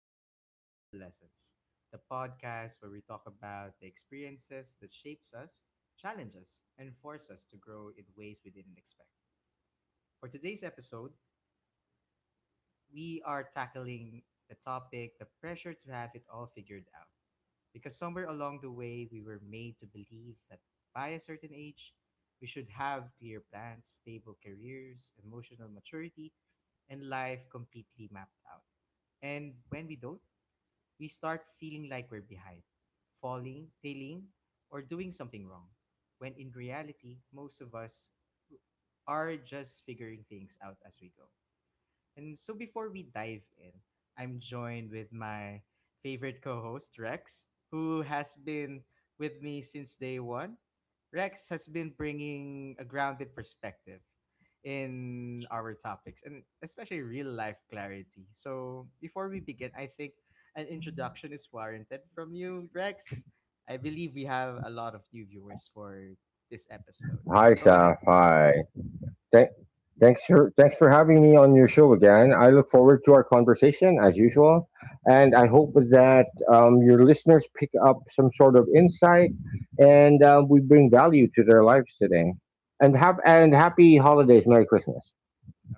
back to Between the Lessons, the podcast where we talk about the experiences that shapes us, challenge us, and force us to grow in ways we didn't expect. For today's episode, we are tackling the topic the pressure to have it all figured out. Because somewhere along the way, we were made to believe that by a certain age, we should have clear plans, stable careers, emotional maturity, and life completely mapped out. And when we don't, we start feeling like we're behind, falling, failing, or doing something wrong. When in reality, most of us are just figuring things out as we go. And so before we dive in, I'm joined with my favorite co host, Rex, who has been with me since day one. Rex has been bringing a grounded perspective in our topics and especially real life clarity. So before we begin, I think an introduction is warranted from you, Rex. I believe we have a lot of new viewers for this episode. Hi, So go ahead. Saf. Hi. Thank, thanks for having me on your show again. I look forward to our conversation as usual, and I hope that your listeners pick up some sort of insight, and we bring value to their lives today. And happy holidays, Merry Christmas.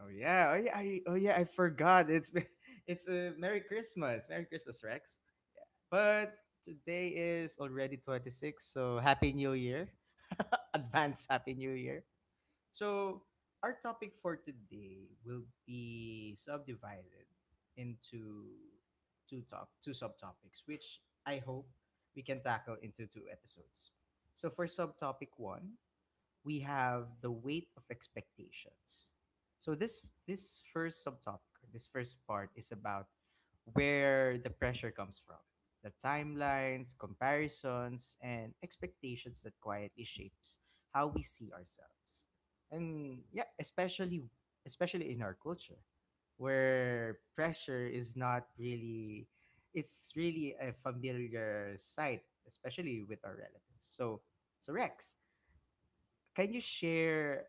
Oh yeah, I forgot. It's a Merry Christmas, Merry Christmas, Rex. But today is already 26, so Happy New Year, advance Happy New Year. So our topic for today will be subdivided into two subtopics, which I hope we can tackle into two episodes. So for subtopic one, we have the weight of expectations. So this first subtopic, or this first part is about where the pressure comes from, the timelines, comparisons, and expectations that quietly shapes how we see ourselves. And yeah, especially in our culture where pressure is not really it's really a familiar sight, especially with our relatives. So Rex, can you share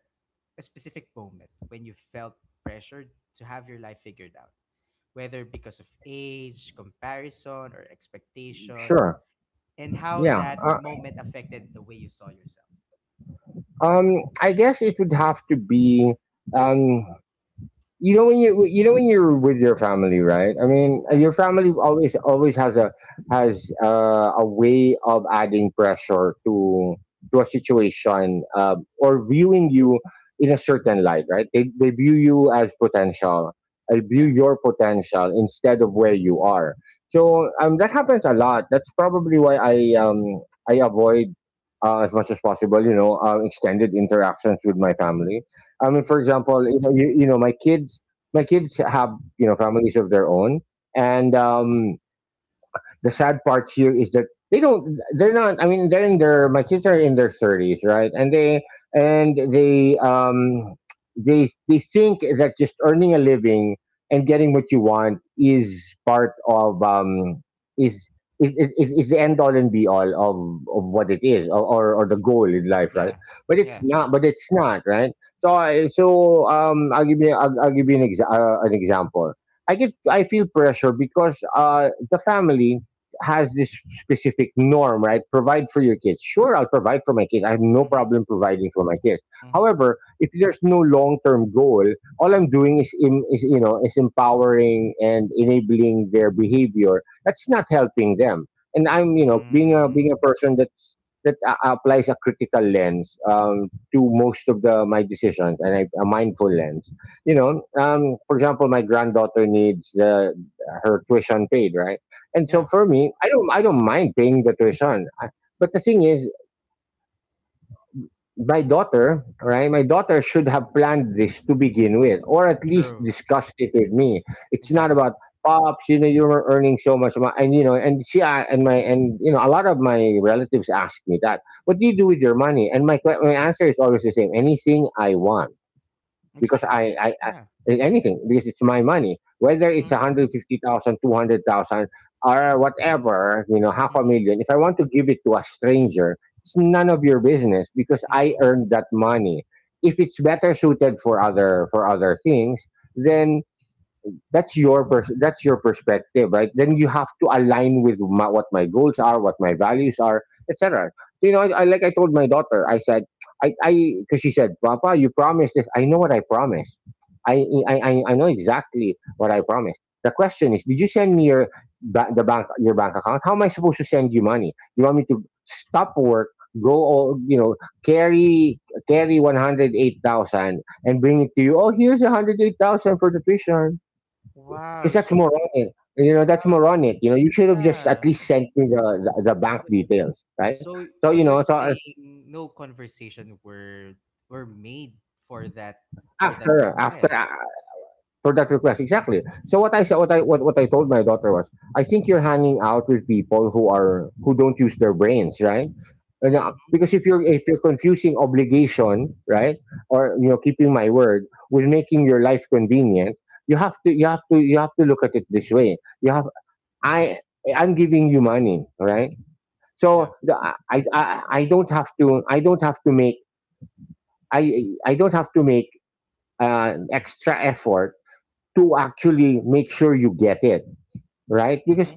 a specific moment when you felt pressured to have your life figured out, whether because of age, comparison, or expectation, Sure. and how Yeah. that moment affected the way you saw yourself? um. I guess it would have to be. Um. You know when you're with your family, right? I mean, Yeah, your family always has a way of adding pressure to a situation, or viewing you in a certain light. Right, they view you as potential. They view yeah, your potential instead of where you are. So that happens a lot. That's probably why I avoid, as much as possible, you know, extended interactions with my family. I mean, for mm-hmm, example, you know, you know, my kids, yeah, have, families of their own, and mm-hmm, the sad part here is that they don't, they're not, I mean, they're in their my kids are in their 30s, right? And they think that just earning a living and getting what you want is part of, is is the end all and be all of what it is, or the goal in life, right? yeah, but it's yeah, not but it's not right? So I'll give you an, an example. I feel pressure because the family has this specific norm, right? Provide for your kids. Sure, I'll provide for my kids. I have no mm-hmm, problem providing for my kids. mm-hmm, However, if there's no long-term goal, all I'm doing is, em- is you know, is empowering and enabling their behavior. That's not helping them. And I'm, you know, being a mm, person that applies a critical lens, to most of the my decisions, and, a mindful lens. You know, for example, my granddaughter needs, her tuition paid, right? And so yeah, for me, I don't mind paying the tuition. But the thing is, my daughter, right? My daughter should have planned this to begin with, or at least true, discussed it with me. It's not exactly, about, "Pops, you know, you were earning so much, and you know, and she a- and my and you know, a lot of my relatives ask me that. What do you do with your money? And my answer is always the same: anything I want, because exactly, I yeah, anything, because it's my money. Whether it's mm-hmm, one hundred fifty thousand, two hundred thousand, or whatever, half a mm-hmm, million. If I want to give it to a stranger, it's none of your business because I mm-hmm, earned that money. If it's better suited for other things, mm-hmm. then that's your perspective. Right, then you have to align with what my goals are, what my values are, etc. You know, I told my daughter, I said— I because she said, "Papa, you promised this." I know what I promised. I know exactly what I promised. The question is, did you send me your bank account? How am I supposed to send you money? You want me to stop work, go— all you know carry carry 108,000 and bring it to you? "Oh, here's 108,000 for the tuition." 'Cause Wow, that's so, moronic. You know, that's wow, moronic. You know, you should have just at yeah. least sent me the bank Yeah, sure. details, right? So So, so you know, you're so saying no conversation were made for that for that after after request. for that request, exactly. So what I told my daughter was, I think you're hanging out with people who don't use their brains, right? And, Mm-hmm. because if you're confusing obligation, right, or, keeping my word with making your life convenient, you have to you have to you have to look at it this way. You have I I'm giving you money, right? So Yeah. the— I don't have to I don't have to make I don't have to make extra effort to actually make sure you get it, right? Because Mm-hmm.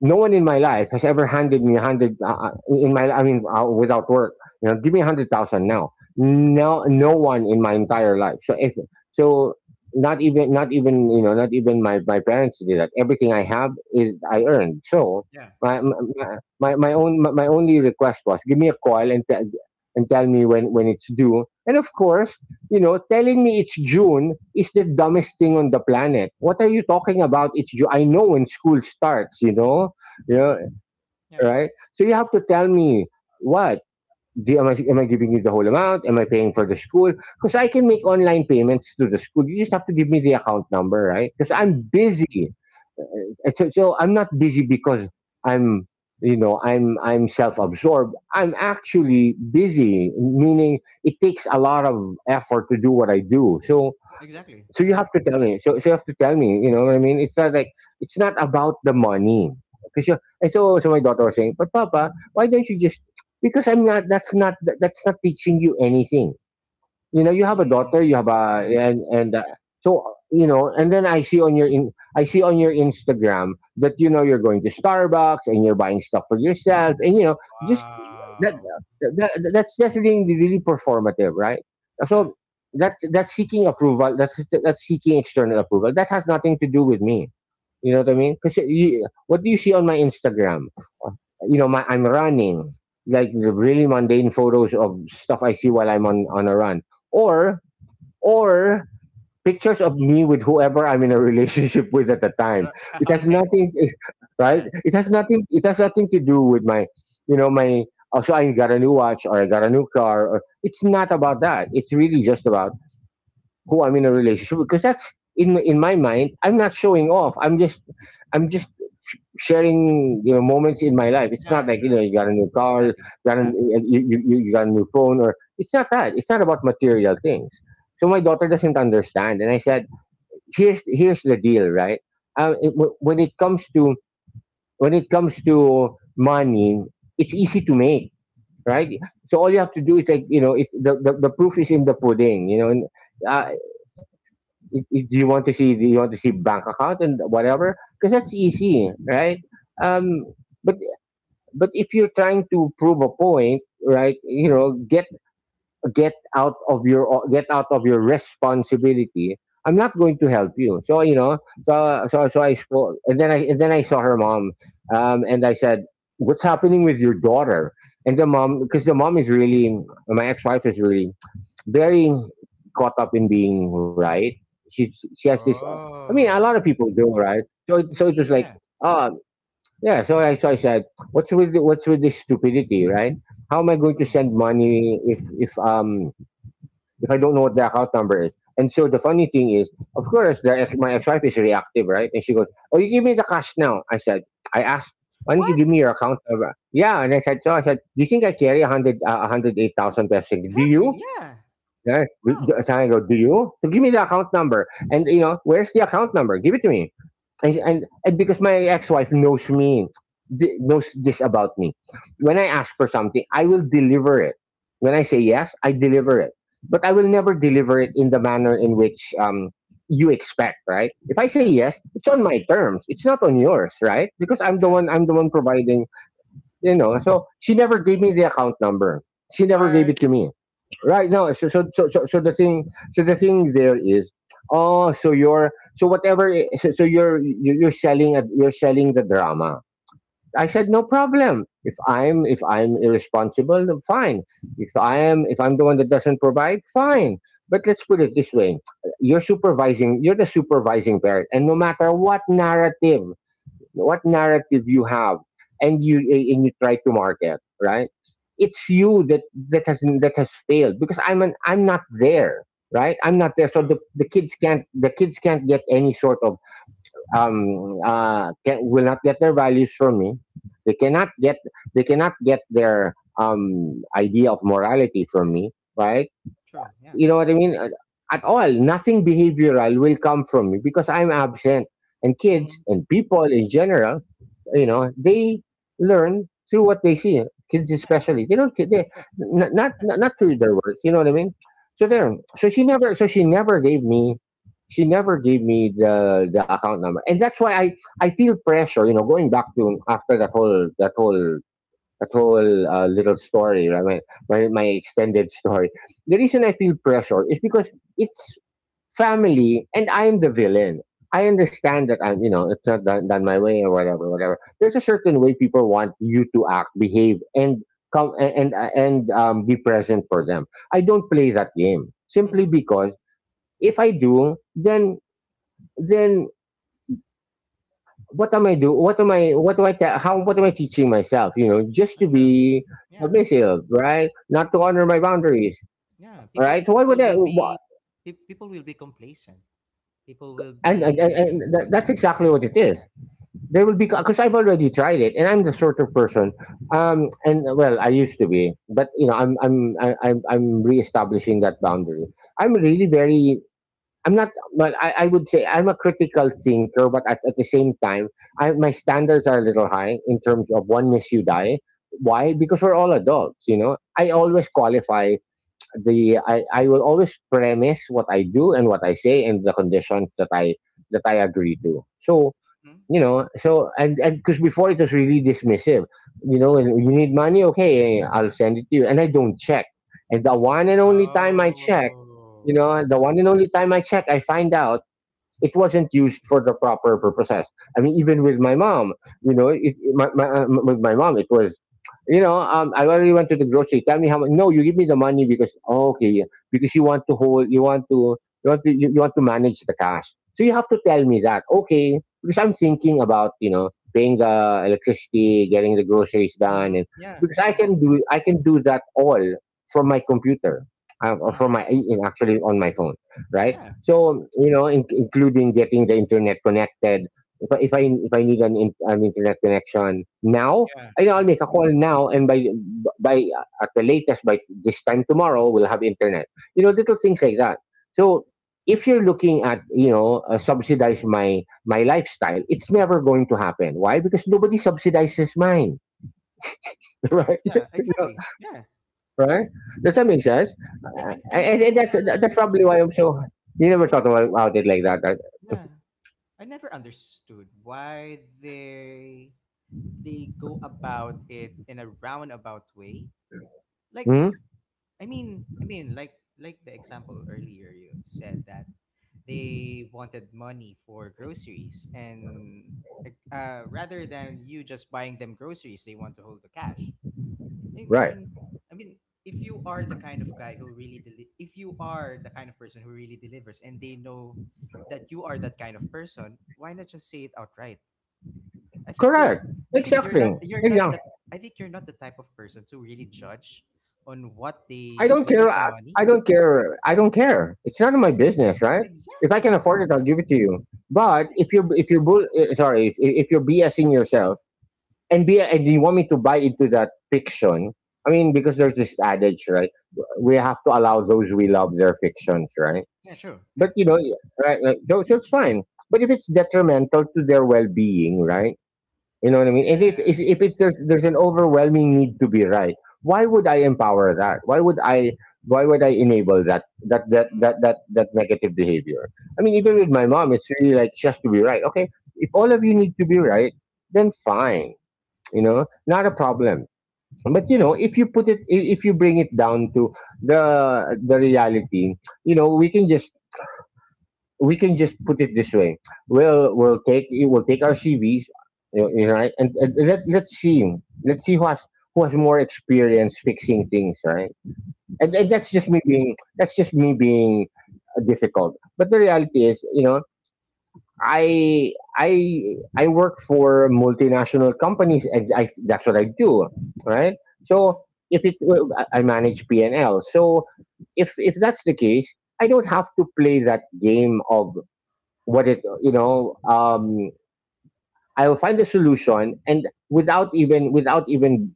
no one in my life has ever handed me a hundred in my I mean without work. You know, give me 100,000 now. No, no one in my entire life. So not even my parents did that. Everything I have, is I earned. So Yeah. my my only request was, give me a call and tell— me when, it's due. And of course, telling me it's June is the dumbest thing on the planet. What are you talking about? It's June. I know when school starts you know, Mm-hmm. Yeah. right? So you have to tell me, what am I giving you the whole amount? Am I paying for the school? Because I can make online payments to the school. You just have to give me the account number, right? Because I'm Mm-hmm. Mm-hmm. busy. And so I'm not busy because I'm I'm self-absorbed. I'm actually busy, meaning it takes a lot of effort to do what I do. So— Exactly. Yeah. you have to tell me. So you have to tell me, you know what I mean? It's not about the money. Because you And so my daughter was saying, "But papa, why don't you just—" Because I'm not— that's not teaching you anything. You know, you have a daughter, you Mm. have a— Yeah. And so, you know, and then I see on your Instagram that, you're going to Starbucks and you're buying stuff for yourself, and, just that, Wow. That's really really performative, right? Yeah. So that's seeking approval. That's seeking external approval, that has nothing to do with me. You know what I mean? Because what do you see on my Instagram? Uh, You know, my I'm running, like the really mundane photos of stuff I see while I'm on a run, or or pictures of me with whoever I'm in a relationship with at the time. Sure. It has Okay. nothing, right? Yeah. It has nothing. It has nothing to do with my, you know, my. Oh, so I got a new watch, or I got a new car. Or, it's not about that. It's really just about who I'm in a relationship with, because that's in my mind. I'm not showing off. I'm just— I'm just sharing, moments in my life. It's not Yeah. like, Sure. You got a new car, Exactly. got a, Yeah. you got a new phone, or— it's not that. It's not about material things. So my daughter doesn't understand, and I said, here's the deal, right? It, wh- when it comes to When it comes to money, it's easy to make, right? So all you have to do is, like, it's— the proof is in the pudding, And uh, Mm-hmm. Do you want to see— bank account and whatever? Because that's easy, Mm-hmm. right? Um, Yeah. but if you're trying to prove a point, right, get out of your— responsibility, I'm not going to help you. so you know Yeah. so so so I saw, and then I and then I saw her mom, and I said, what's happening with your daughter? And the mom, because the mom is really— my ex-wife is really very caught up in being right. She has this, I mean, a lot of Oh. people do, right? So I so it was mean, like, yeah. "Oh." Yeah, so— so I said, what's with this stupidity, right? How am I going to Mm. send money if, if I don't know what the account number is? And so the funny thing is, of course, my ex-wife is reactive, right? And she goes, "Oh, you give me the cash now." I said— I asked, "Why don't you What? give me your account number?" Yeah, and so I said, "Do you think I carry 108,000 pesos? Do Exactly. you?" Yeah. Yeah. Wow. So I go, "Do you?" So give me the account number, and, where's the account number? Give it to me and because my ex-wife knows me knows this about me. When I ask for something, I will deliver it. When I say yes, I deliver it. But I will never deliver it in the manner in which you expect, right? If I say Yeah. yes, it's on my terms, it's not on Mm-hmm. yours, right? Because I'm the Yeah. one, I'm the one providing. You know, so she never gave me the account number. She never gave Why? it to me right now. So the thing, so the thing there is, oh, so you're, so you're you're selling you're selling the drama. I said no problem. If I'm if I'm irresponsible, then fine. If I am, if I'm the one that doesn't provide, fine. But let's put it this way: you're supervising, you're the supervising parent, and no matter what narrative, what narrative you have, and you and you try to market, right? It's you that, that has failed because I'm not there, right? I'm not there. So True, the kids can't, the kids can't get any sort of can, will not get their values from me. They cannot get, they cannot get their idea of morality from me, right? true, yeah. You know what I mean? At all. Nothing behavioral will come from me because I'm absent. And kids Mhm. and people in general, you know, they learn through what they see. Kids Yeah, especially, mhm, they don't, they true. not It makes sense. not through their words. You know what I mean? So Yeah. there. So she never, so she never gave me, she never gave me the account number. And that's why I feel pressure, you know, going back to after that whole, that whole little story, right? My, my extended story. The reason I feel pressure is because it's family, and I am the villain. I understand that I'm, you know, it's not done, done my way or whatever, whatever. There's a certain way people want you to act, behave, and come and be present for them. I don't play that game simply Mhm. because if I do, then what am I do? What am I? What do I? Te- how? What am I teaching myself? You know, just It to true. be Yeah. submissive, right? Not I to honor my mean, boundaries, yeah, right? people Why would people I? will Wha- be people will be complacent. People will And and, and, be and that, that's it's okay. exactly what it is. There will be because I've already tried it, and I'm the sort of person. And well, I used to be, but you know, I'm reestablishing that boundary. I'm really very, I'm not, but I would say I'm a critical thinker, but at the same time, I, my standards are a little high in terms of one miss you die. Why? Because we're all adults, you know. I always qualify I will always premise what I do and what I say and the conditions that I agree to. So Mhm. you know. So and because before it was really dismissive, you know, and you need money, okay, I'll send it to you, and I don't check. And the one and only time I check, you Oh. know, the one and only time I check, I find out it wasn't used for the proper purposes. I mean, even with my mom, you know, my, with my mom, it was, you know, I already went to the grocery. Tell me how much. No, you give me the money because oh, okay, yeah, because you want to hold, you want to, you want to, you want to manage the cash. So you have to tell me that, okay? Because I'm thinking about, you know, paying the electricity, getting the groceries done, Mm-hmm. and Yeah. because Yeah. I can do that all from my computer, or from Mm-hmm. my, actually on my phone, right? Yeah. So you know, including getting the internet connected. If I if I need an internet connection now, Yeah. I know I'll Yeah. make a call now, and by at the latest by this time tomorrow, we'll have internet. You know, little things like that. So if you're looking at, you know, subsidize my lifestyle, it's never going to happen. Why? Because nobody subsidizes mine, True. right? Yeah. You know, Exactly. Yeah. Yeah. right? Does Yeah. that I, make sense? yeah. I And that's never. probably why I'm so. You never I thought never. About it like that. Yeah. I never understood why they go about it in a roundabout way. Like Right? I mean, like the example earlier you said that they wanted money for groceries and rather than you just buying them groceries, they want to hold the cash. I, I, Right. I mean, if you are the kind of guy if you are the kind of person who really delivers and they know that you are that kind of person, why not just say it outright? I think you're Correct. I think Exactly. You're not Exactly. the I think you're not the type of person to really judge on what I they don't do care. with the money. I don't care. I don't care. It's none of Yeah, my business, right? If I can exactly. Oh, afford it, I'll give it to you. But yeah, if you, exactly. If you're BSing yourself and be and you want me to buy into that fiction, I mean, because there's this adage, right? We have to allow those we love their fictions, right? Yeah, true. But Yeah. you know, right? Right, so, so it's fine. But if it's detrimental to their well-being, right? You know what I mean? And if it, there's an overwhelming need to be right, why would I empower that? Why would I, why would I enable Mm-hmm. That negative behavior? I mean, even with my mom, it's really like she has to be right. Okay, if all of you need to be right, then fine. You know, not a problem. But you know, if you put it, if you bring it down to the reality, you know, we can just, we can just put it this way. We'll take our CVs, you you know, right? And let's see, let's see who has, who has more experience fixing things, right? Mm-hmm. And Mm-hmm. that's just me being, that's just me being difficult. But the reality is, you know, I I I work for multinational companies, and I that's what I do, right? Mm-hmm. So if it, well, I manage P and L, so if that's the case, I don't have to play that game of what it, you know. I'll find a solution and without even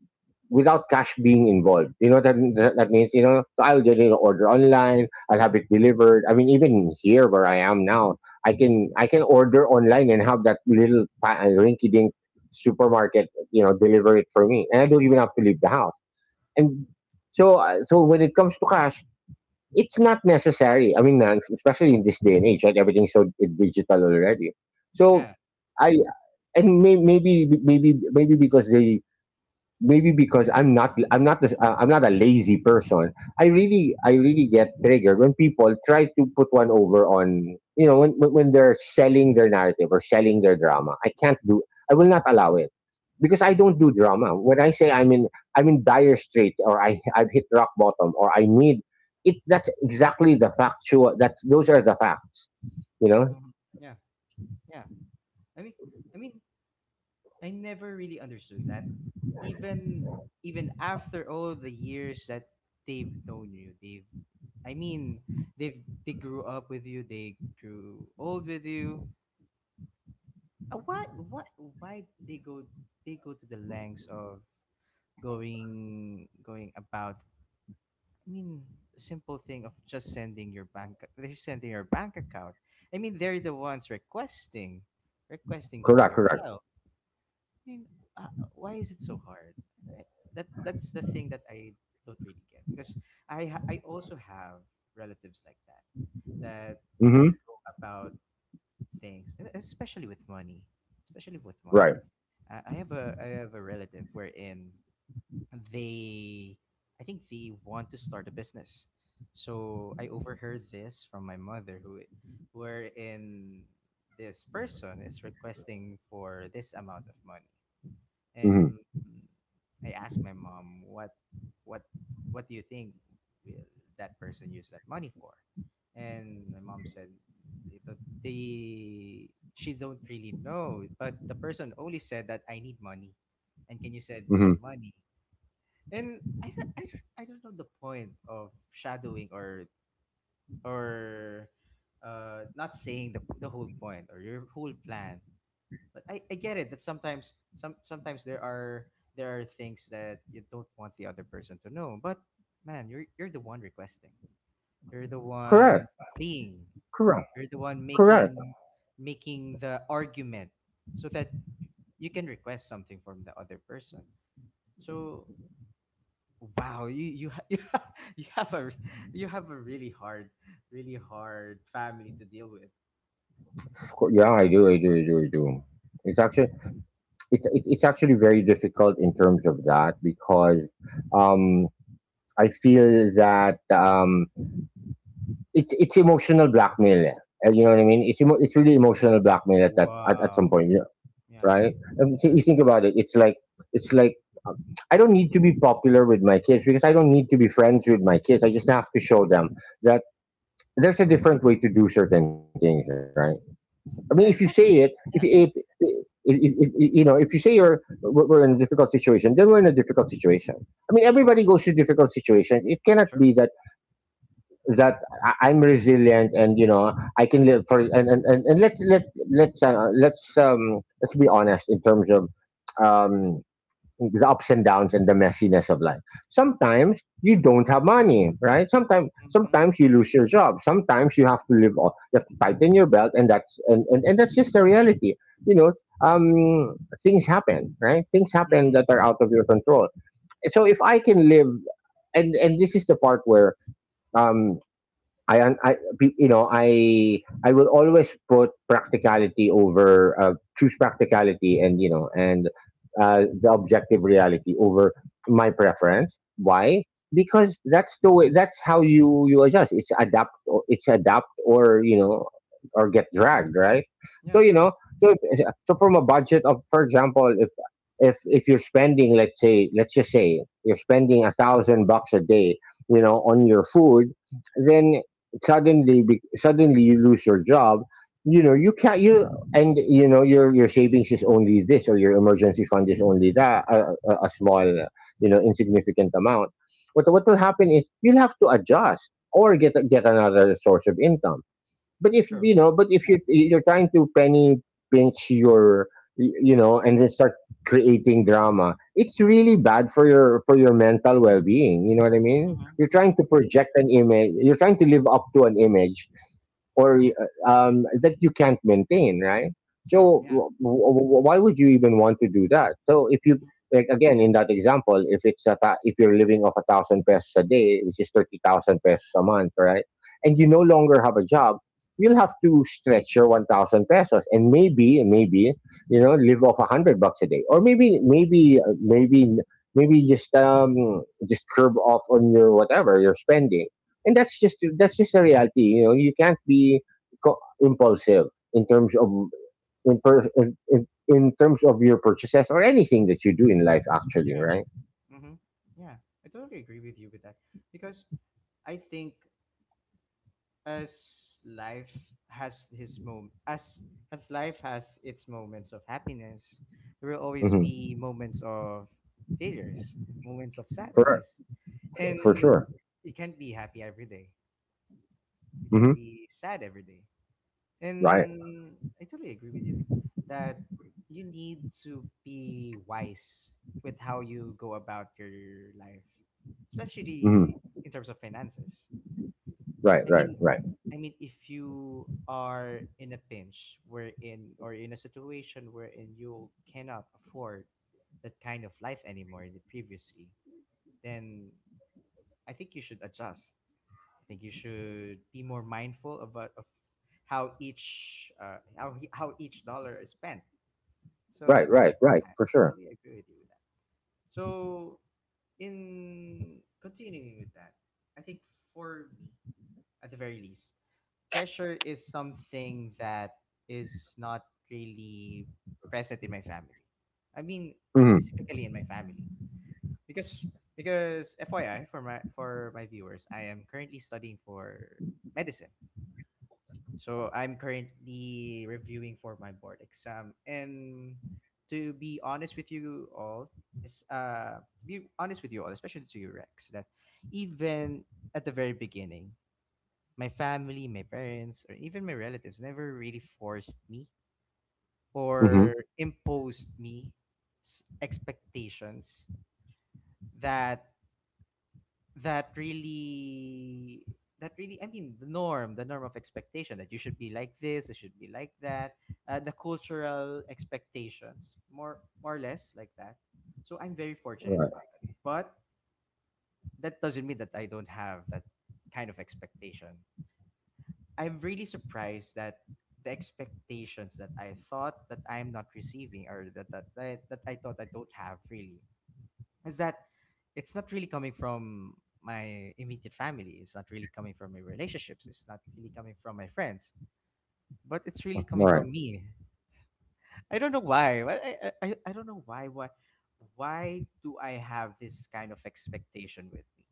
without cash being involved, you know. That that, that means, you know. So I'll get an order online, I'll have it delivered. I mean, even here where I am now, I can order online and have that little rinky-dink supermarket, you know, deliver it for me, and I don't even have to leave the house. And so so when it comes to cash, it's not necessary. I mean, especially in this day and age, right? Everything's so digital already. So Yeah. I, and may, maybe because they, maybe because I'm not, I'm not a lazy person. I really get triggered when people try to put one over on, you know, when when they're selling their narrative or selling their drama. I can't do, I will not allow it because I Mm-hmm. don't do drama. When I say I'm in, I'm in dire straits or I've hit rock bottom or I need it, that's exactly the factual, that those are the facts, you know? Mm-hmm. Yeah. Yeah. I mean I mean, I never really understood that. Even even after all the years that they've known you, they've I mean, they've they grew up with you, they grew old with you. Uh, Why what why they go to the lengths of going about, I mean, a simple thing of just sending your bank they're sending your bank account. I mean they're the ones requesting for Correct, your correct. help. I mean, uh, why is it so hard? I, that that's the thing that I don't really get because I also have relatives like that they Mhm. go about things, especially with money, especially with money. Right. I have a relative wherein they, I think they want to start a business. So I overheard this from my mother, who, wherein this person is requesting for this amount of money, Mhm. and mm, I asked my mom, what what do you think will that person use that money for? And my mom said it don't- they she don't really know, but the person only said that I need money and can you send me Mhm. money. And I don't know the point of shadowing or or not saying the whole point or your whole plan. But I get it that sometimes there are things that you don't want the other person to know. But man, you're the one requesting. You're the Correct. one pleading. Correct. You're the one Correct. making the argument so that you can request something from the other person. So wow, you have a really hard family to deal with. Of course, yeah, I do, I do, I do, I do. It's actually, it's actually very difficult in terms of that because um, I feel that it, it's emotional blackmail. Eh. You know what I mean? It's it's really emotional blackmail at that, at some Wow. point, yeah, Yeah. right? So Yeah. you think about it. It's like, it's like I don't need to be popular with my kids because I don't need to be friends with my kids. I just have to show them that there's a different way to do certain things, right? I mean, if you say Yeah. it, if Exactly. you Yeah. If- you know, if you say you're, we're in a difficult situation, then we're in a difficult situation. I mean, everybody goes through difficult situations. It cannot Sure. be that I'm resilient, and you know I can live for. And let's let, let's be honest in terms of um the ups and downs and the messiness of life. Sometimes you don't have money, right? Sometimes, Mhm, sometimes you lose your job. Sometimes you have to live off, you have to tighten your belt, and that's, and that's just the reality. You know, um things happen, right? Things happen mhm. that are out of your control. So if I can live, and this is the part where um I, you know, I will always put practicality over, choose practicality, and you know, and the objective reality over my preference. Why? Because that's the way. That's how you, you adjust. It's adapt. Or, it's adapt or you know, or get dragged, right. So Yeah, you true, know so if, so from a budget of for example if you're spending let's just say you're spending 1000 bucks a day you know on your food then suddenly you lose your job. You know you can't you and you know your savings is only this, or your emergency fund is only that, a small, you know, insignificant amount. What will happen is you'll have to adjust or get another source of income. But if true. you know, but if Yeah. You're trying to penny pinch your and then start creating drama, it's really bad for your mental well being. You know what I mean? Mhm, You're mhm. trying to project an image. You're trying to live up to an image or that you can't maintain, right? True, So yeah. Why would you even want to do that? So if you, Mhm. like, again in that example, if you're living off a thousand pesos a day, which is 30,000 pesos a month, right? And you no longer have a job, you'll have to stretch your 1000 pesos and maybe you know live off 100 bucks a day, or maybe just curb off on your whatever you're spending. And that's just the reality. You know, you can't be impulsive in terms of, in, per, in terms of your purchases or anything that you do in life, actually, Yeah, right? mhm. Yeah, I totally agree with you with that, because I think as life has its moments of happiness, there will always Hmm. be moments of failures, moments of for sadness, for and sure. you can't be happy every day. You Hmm. can't be sad every day. Right. And I totally agree with you that you need to be wise with how you go about your life, Hmm. especially in terms of finances. Right, I right, mean, right, I mean, if you are in a pinch, wherein or in a situation wherein you cannot afford that kind of life anymore than previously, then I think you should adjust. I think you should be more mindful of what, of how each how he- how each dollar is spent. right, So right, right, yeah, for I sure. totally agree with you with that. So in continuing with that, I think for me, at the very least, pressure is something that is not really present in my family. I mean, Mm-hmm. specifically in my family, because because FYI for my viewers, I am currently studying for medicine. So I'm currently reviewing for my board exam. And to be honest with you all, to be honest with you all, especially to you Rex, that even at the very beginning, my family, my parents, or even my relatives never really forced me Mhm. or imposed me expectations, that that really that really I mean the norm of expectation that you should be like this, you should be like that, the cultural expectations more or less like that. So I'm very fortunate Right, about that, but that doesn't mean that I don't have that kind of expectation. I'm really surprised that the expectations that I thought that I'm not receiving, or that I thought I don't have really is that it's not really coming from my immediate family. It's not really coming from my relationships. It's not really coming from my friends. But it's really coming right. from me. I don't know why. I don't know why. Why do I have this kind of expectation with me,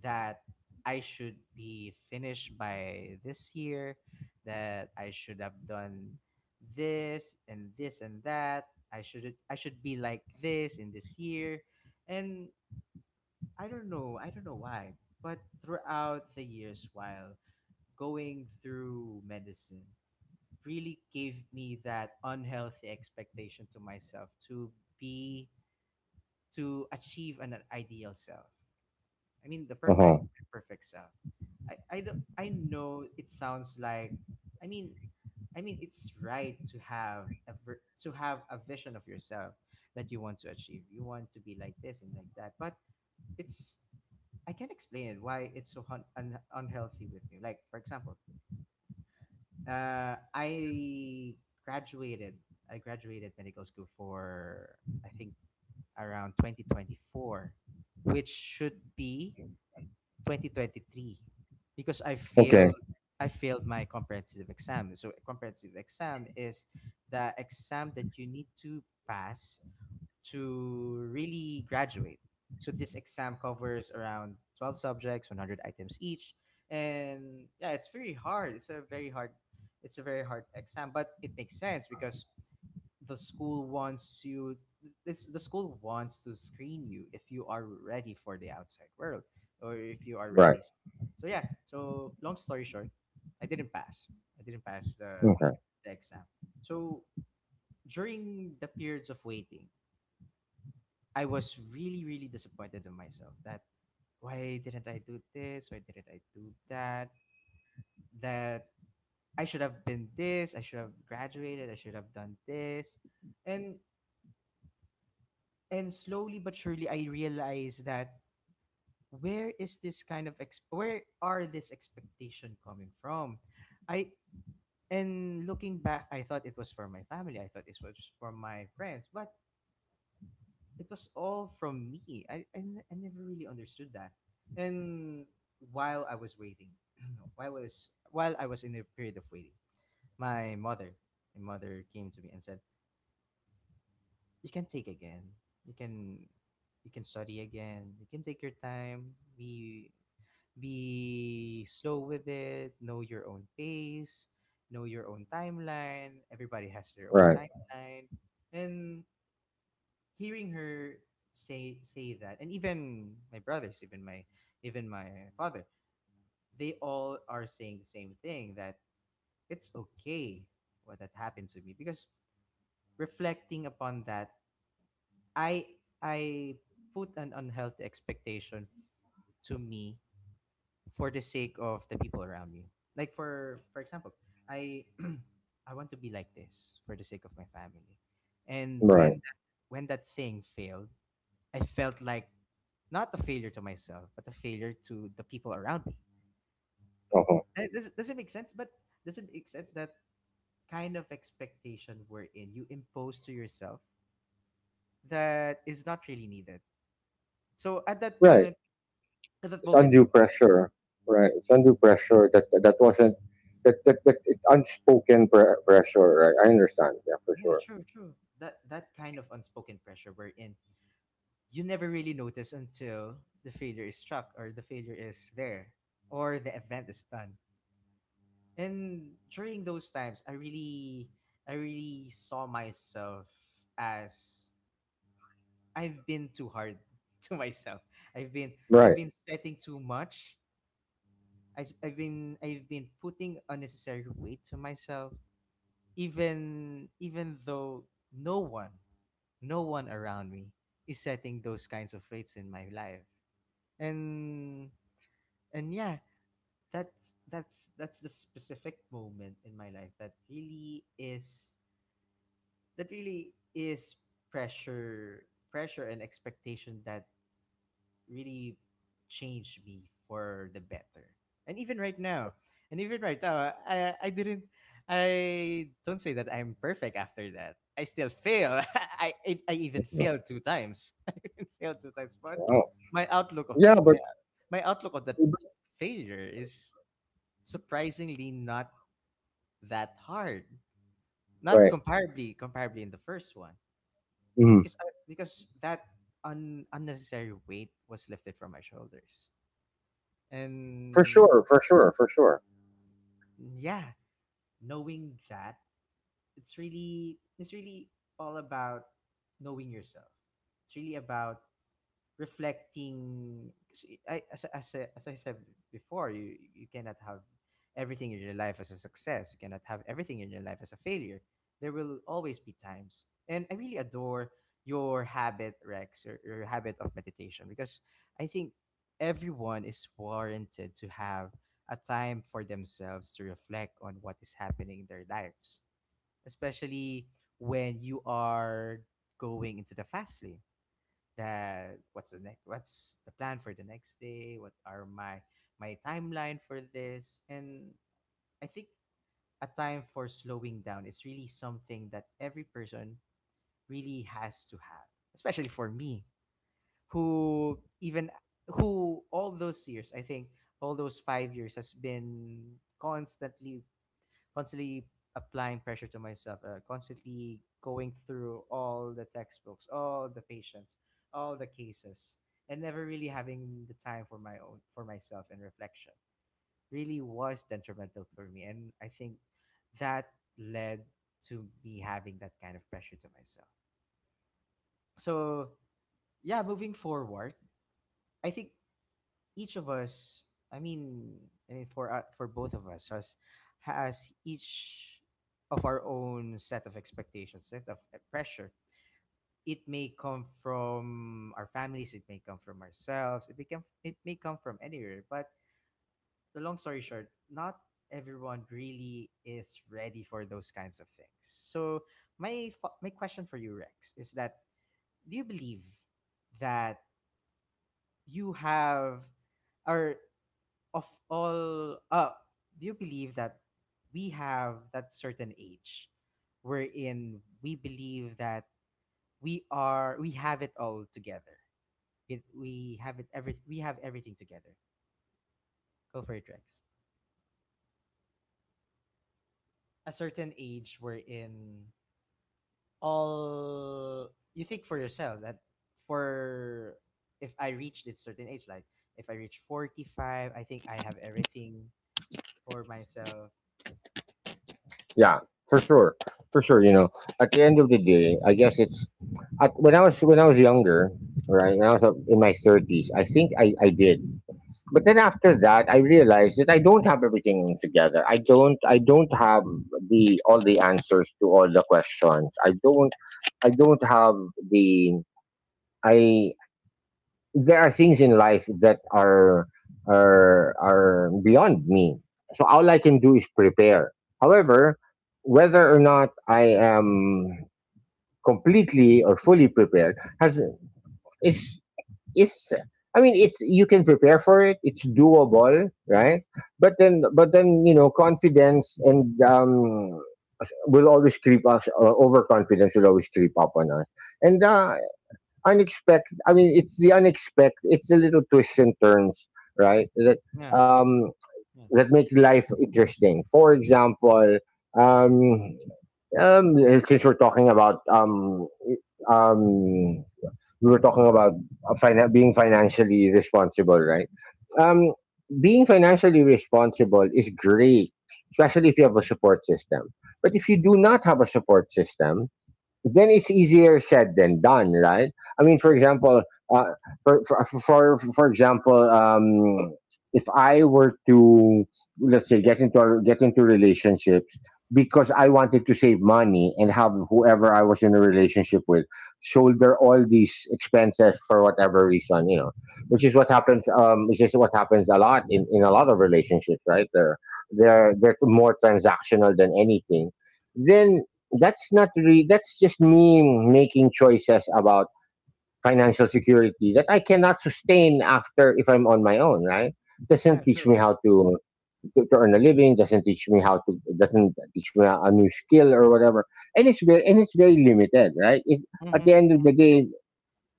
that I should be finished by this year, that I should have done this and this and that. I should be like this in this year. And I don't know. I don't know why. But throughout the years, while going through medicine, really gave me that unhealthy expectation to myself to be, to achieve an ideal self. I mean, the Uh-huh. perfect, perfect self. I, don't- I know it sounds like, I mean, I mean, it's right to have to have a vision of yourself that you want to achieve. You want to be like this and like that, but it's I can not explain why it's so unhealthy with me. Like for example, I graduated. I graduated medical school for I think around 2024, which should be 2023, because I Okay. failed. I failed my comprehensive exam. So a comprehensive exam is the exam that you need to pass to really graduate. So this exam covers around 12 subjects, 100 items each. And yeah, it's very hard. It's a very hard exam, but it makes sense because the school wants you the school wants to screen you if you are ready for the outside world or if you are Right. ready. So yeah, so long story short, I didn't pass. I didn't pass the Okay. the exam. So during the periods of waiting, I was really, really disappointed in myself that why didn't I do this? Why didn't I do that? That I should have been this, I should have graduated, I should have done this. And and slowly but surely I realized that where is this kind of ex- where are this expectation coming from? I and looking back, I thought it was for my family, I thought it was for my friends, but it was all from me. I never really understood that. And while I was waiting, while I was in a period of waiting, my mother, my mother came to me and said, "You can take again. You can, you can study again. You can take your time. Be slow with it. Know your own pace. Know your own timeline. Everybody has their own Right. timeline." And hearing her say that, and even my brothers, even my father, they all are saying the same thing, that it's okay what that happened to me, because reflecting upon that, i I put an unhealthy expectation to me for the sake of the people around me, like for example, I I want to be like this for the sake of my family. and Right. when that, when that thing failed, I felt like not a failure to myself, but a failure to the people around me. Uh-huh. Does it make sense? But does it make sense that kind of expectation wherein you impose to yourself that is not really needed? So at that Right. moment, at that It's moment, undue pressure. Right. It's undue pressure that that wasn't that it's unspoken pressure. Right. I understand. Yeah, for yeah, sure. True. That kind of unspoken pressure wherein you never really notice until the failure is struck, or the failure is there, or the event is done. And during those times, I really saw myself as I've been too hard to myself. I've been I've Right. been setting too much. I've been putting unnecessary weight to myself, even though no one no one around me is setting those kinds of weights in my life. And and yeah, that's the specific moment in my life that really is pressure pressure and expectation that really changed me for the better. And even right now, and even right now, I I didn't I don't say that I'm perfect after that. I still fail. I even Mhm. failed two times. I even failed two times, but Wow. my outlook of Yeah, but my outlook of that failure is surprisingly not that hard. Not right. Comparably in the first one, Mhm. because because that unnecessary weight was lifted from my shoulders. For And sure. For sure. For sure. yeah, knowing that it's really all about knowing yourself. It's really about reflecting. As I said before, you cannot have everything in your life as a success, you cannot have everything in your life as a failure. There will always be times, and I really adore your habit, Rex, or your habit of meditation, because I think everyone is warranted to have a time for themselves to reflect on what is happening in their lives, especially when you are going into the fast lane, that what's the next, what's the plan for the next day, what are my timeline for this. And I think a time for slowing down is really something that every person really has to have, especially for me, who even who all those years, I think, all those 5 years has been constantly applying pressure to myself, constantly going through all the textbooks, all the patients, all the cases, and never really having the time for my own, for myself, and reflection really was detrimental for me. And I think that led to me having that kind of pressure to myself. So yeah, moving forward, I think each of us, i mean I mean for both of us, has each of our own set of expectations, set of pressure. It may come from our families, it may come from ourselves, it may come from anywhere. But the long story short, not everyone really is ready for those kinds of things. So my question for you, Rex, is that do you believe that you have, or of all do you believe that we have that certain age wherein we believe that we have it all together? It we have it every we have everything together. Go for it, Rex. A certain age wherein all you think for yourself, that for if I reach this certain age, like if I reach 45, I think I have everything for myself. Yeah. For sure. For sure. You know, at the end of the day, I guess it's at, when I was younger, right? When I was up in my thirties, I think I did. But then after that, I realized that I don't have everything together. I don't. I don't have the all the answers to all the questions. I don't. I don't have the. I there are things in life that are beyond me. So all I can do is prepare. However, whether or not I am completely or fully prepared has is it's I mean it's you can prepare for it. It's doable, Mm-hmm. right? But then you know confidence and will always creep us overconfidence will always creep up on us. And unexpected, I mean it's the unexpected, it's the little twists and turns, right? That Yeah, um yeah that make life interesting. For example, um um since we're talking about, um we were talking about being financially responsible, right? Um, Being financially responsible is great, especially if you have a support system. But if you do not have a support system, then it's easier said than done, right? I mean, for true, example, uh, for example, if I were to, let's say, get into relationships because I wanted to save money and have whoever I was in a relationship with shoulder all these expenses for whatever reason, you know, which is what happens. Which is what happens a lot in a lot of relationships, right? They're they're more transactional than anything. Then that's not really, that's just me making choices about financial security that I cannot sustain after if I'm on my own, right? Doesn't yeah teach me true. how to to earn a living, doesn't teach me how to, doesn't teach me a new skill or whatever. And it's very, and it's very limited, right? At the Mhm, end of the day,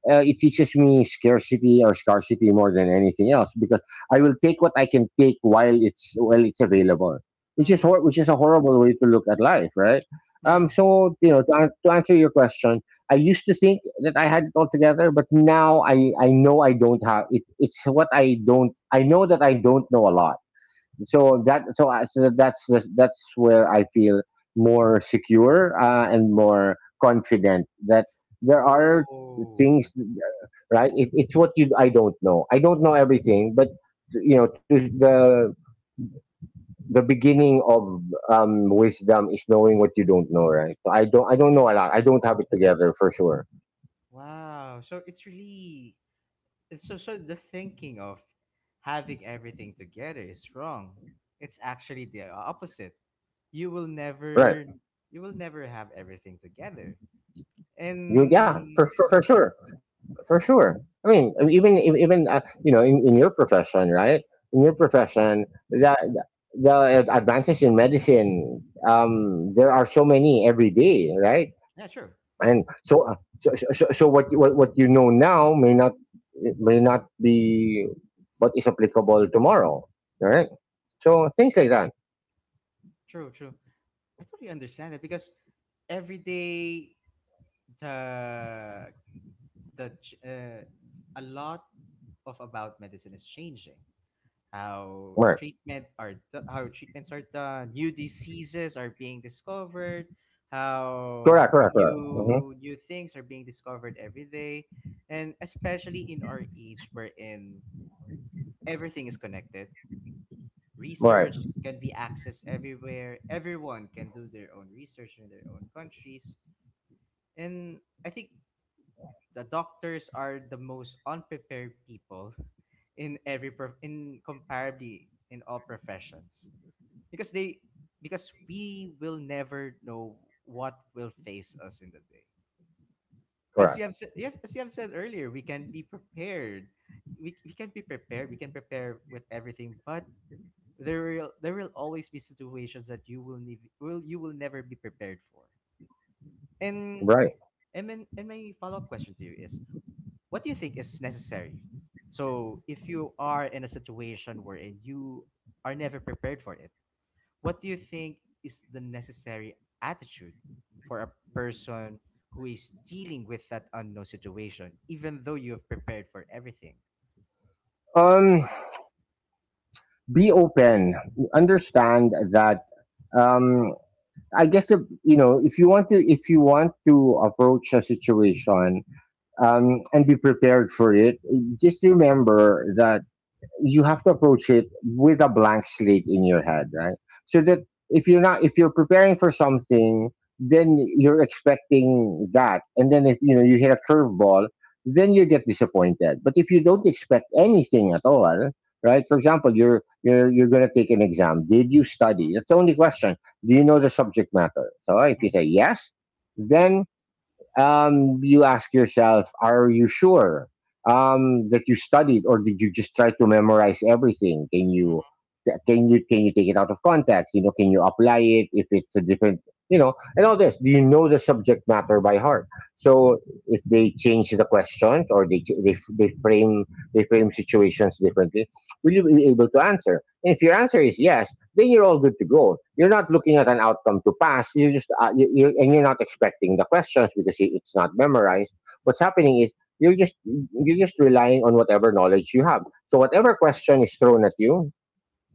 it teaches me scarcity, or scarcity more than anything else, because I will take what I can take while it's available, which is mhm. A horrible way to look at life, right? Um, Yeah. so you know, to, an- to answer your question, I used to think that I had it all together, but now I know I don't have it. It's what I don't. I know that I don't know a lot, so that so, so that's where I feel more secure and more confident that there are things. Oh. Right? it, it's what you I don't know, I don't know everything, but you know, to the beginning of wisdom is knowing what you don't know, right? So I don't, I don't know a Ah. lot. I don't have it together, for sure. Wow. So it's really, it's, so so the thinking of having everything together is wrong. It's actually the opposite. You will Right. never you will never have everything together. You, yeah, for, And for sure, for sure. I mean, even even you know, in your profession, right? In your mm, profession, the advances in medicine, there are so many every day, right? yeah, true. Yeah. And so, so what, what you know now may not, may not be what is applicable tomorrow, right? So things like that. True, true. I totally understand it, because every day the the ch- uh, a lot of about medicine is changing. How Right. How treatments are done, new diseases are being discovered, how Correct. Correct. Correct. Hmm. New things are being discovered every day. And especially in our age wherein everything is connected. Right. Research can be accessed everywhere. Everyone can do their own research in their own countries. And I think the doctors are the most unprepared people in in comparably in all professions, because they because we will never know what will face us in the day. As you Correct. have said, as you have said earlier, we can be prepared. We can be prepared, we can prepare with everything, but there will always be situations that you will need will you will never be prepared for. and Right. and then, and my follow-up question to you is, what do you think is necessary, so if you are in a situation wherein you are never prepared for it, what do you think is the necessary attitude for a person who is dealing with that unknown situation, even though you have prepared for everything? Um. Be open, understand that, um I guess if you know, if you want to, if you want to approach a situation and be prepared for it, just remember that you have to approach it with a blank slate in your head, right? So that if you're not, if you're preparing for something, then you're expecting that. And then if you know, you hit a curveball, then you get disappointed. But if you don't expect anything at all, right? For example, you're you're going to take an exam, did you study? Hmm. That's the only question. Do you know the subject matter? So if you say Hmm. yes, then you ask yourself, are you sure that you studied, or did you just try to memorize everything? Can you, Hmm. Can you take it out of context? You know, can you apply it if it's a different, you know, and all this? Do you know the subject matter by heart? So if they change the questions or they frame situations differently, will you be able to answer? And if your answer is yes, then you're all good to go. You're not looking at an outcome to pass. You just and you're not expecting the questions because it's not memorized. What's happening is you're just relying on whatever knowledge you have. So whatever question is thrown at you,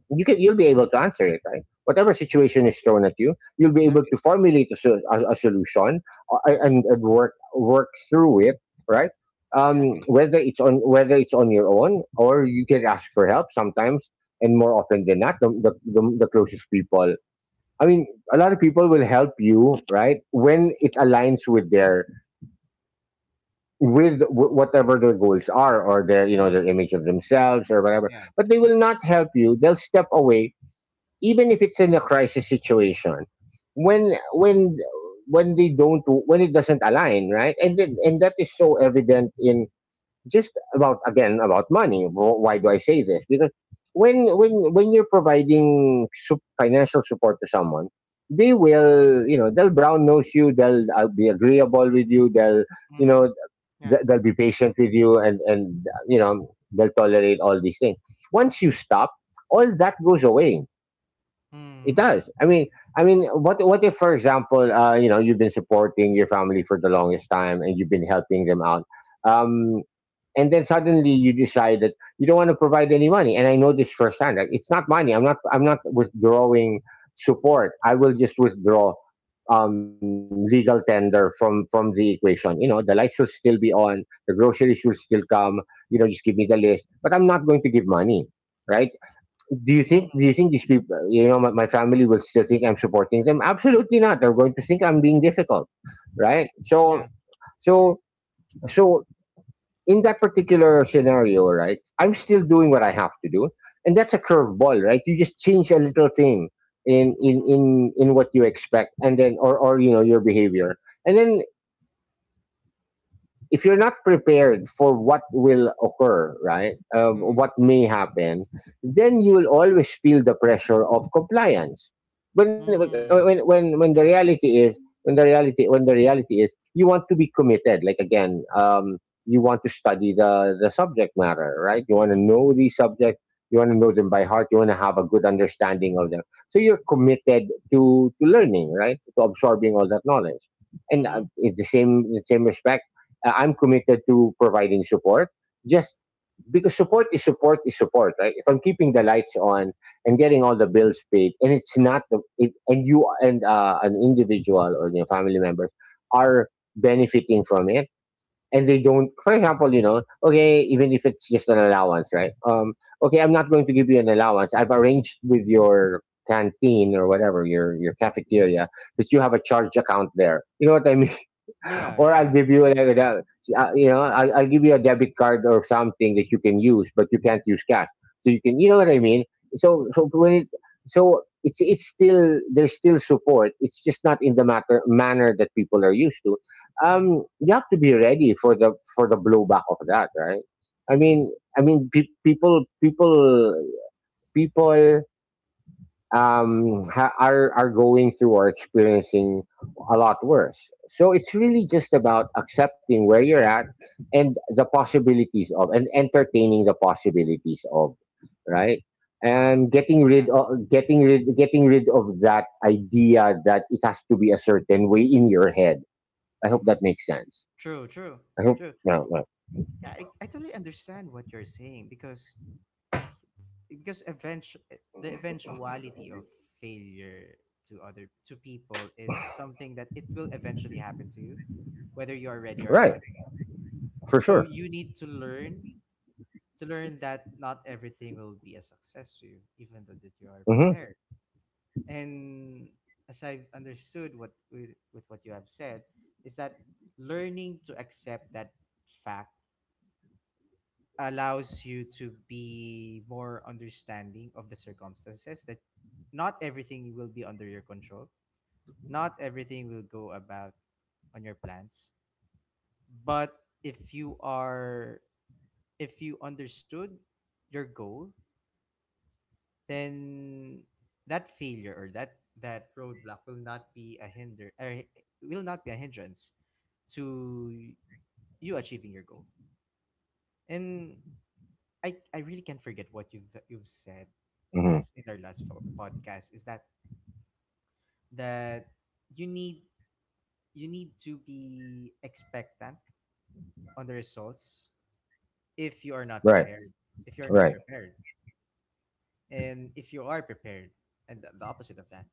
you can you'll be able to answer it. Right, whatever situation is thrown at you, you'll be able Exactly. to formulate a solution and work through it, right? Exactly. whether it's on, whether it's on your own, or you can ask for help sometimes. And more often than not, the, the closest people, I mean, a lot of people will help you, right, when it aligns with their, with whatever their goals are or their, you know, Mm-hmm. their image of themselves or whatever. Yeah. But they will not help you, they'll step away, even if it's in a crisis situation, when when they don't, when it doesn't align, right? And then, and that is so evident in just about, again, about money. Why do I say this? Because when when you're providing financial support to someone, they will, you know, they'll brown nose you, they'll be agreeable with you, they'll, you Mm-hmm. know, Yeah. They'll be patient with you, and you know, they'll tolerate all these things. Once you stop, all that goes away. It Mm. does. I mean, what if, for example, you know, you've been supporting your family for the longest time and you've been helping them out, um, and then suddenly you decide that you don't want to provide any money. And I know this firsthand. Like, it's not money. I'm not, I'm not withdrawing support. I will just withdraw legal tender from the equation. You know, the lights will still be on. The groceries will still come. You know, just give me the list. But I'm not going to give money, right? Do you think, do Mm-hmm. you think these people, you know, my family will still think I'm supporting them? Absolutely not. They're going to think I'm being difficult. Right? So Yeah. so so in that particular scenario, right, I'm still doing what I have to do. And that's a curveball, right? You just change a little thing in what you expect, and then, or, you know, your behavior. And then if you're not prepared for what will occur, right, Mm-hmm. what may happen, then you will always feel the pressure of compliance. When, when, Mm. when, when the Yeah. reality is, when the reality is, you want to be committed. Like again, you want to study the subject matter, right? You want to Mm-hmm. know the subject. You want to know them by heart. You want to have a good understanding of them. So you're committed to learning, right? To absorbing all that knowledge and Mm-hmm. In the same respect, I'm committed to providing support, just because support, right? If I'm keeping the lights on and getting all the bills paid, and it's not the it, and you and an individual or your family members are benefiting from it, and they don't. For example, you know, okay, even if it's just an allowance, right? Okay, I'm not going to give you an allowance. I've arranged with your canteen or whatever your cafeteria that you have a charge account there. You know what I mean? Yeah. Or I'll Yeah. give you Exactly. You know, I'll give you a debit card or something that you can use, but you can't use cash. So you can, you know what I mean. So so when it so it's still, there's still support. It's just not in the matter manner that people are used to. Mm-hmm. You have to be ready for the blowback of that, right? I Mm-hmm. mean I mean pe- people people people ha- are going through or experiencing a lot worse. So it's really just about accepting where you're at and entertaining the possibilities of, right? Wow. And Yeah. Getting rid of that idea that it has to be a certain way in your head. I hope Mm-hmm. that makes sense. True. True. I hope True. Yeah, yeah. Yeah. I totally understand what you're saying, because because eventu- the eventuality of failure to other to people is something that it will eventually happen to you, whether you're ready or Right, not. for So sure. you need to learn that not everything will be a success to you, even though that you are Mm-hmm. prepared. And, as I've understood what, with what you have said, is that learning to accept that fact allows you to be more understanding of the circumstances, that not everything will be under your control, not everything will go about on your plans. But if you are, if you understood your goal, then that failure or that roadblock will not be a hinder, or will not be a hindrance to you achieving your goal. And I really can't forget Mm-hmm. what you've said last in our podcast, is that that you need, you need to be expectant on the results Right, if you are not right, prepared, if you are not prepared and if you are prepared, and the opposite of that.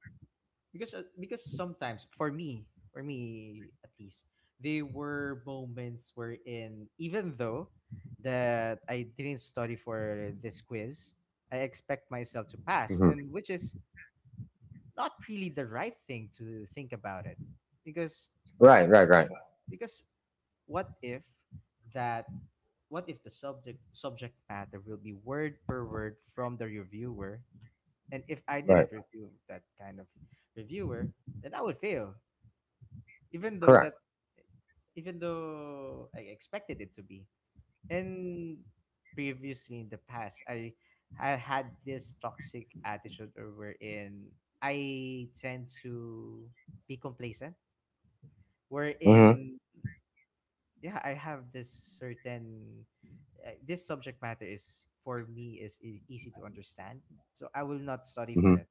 Because because sometimes, for me, at least, there were moments wherein even though that I didn't study for this quiz, I expect myself to pass, mm-hmm. and which is not really the right thing to think about it. because Right, right, right, because what if that, what if the subject matter will be word per word from the reviewer, and if I right. didn't review that kind of reviewer, then I would fail, even though Correct. that, even though I expected it to be. And previously, in the past, I had this toxic attitude, or wherein I tend to be complacent. Mm-hmm. Wherein, yeah, I have this certain this subject matter is for me, is easy to understand, so I will not study for Mm-hmm. it.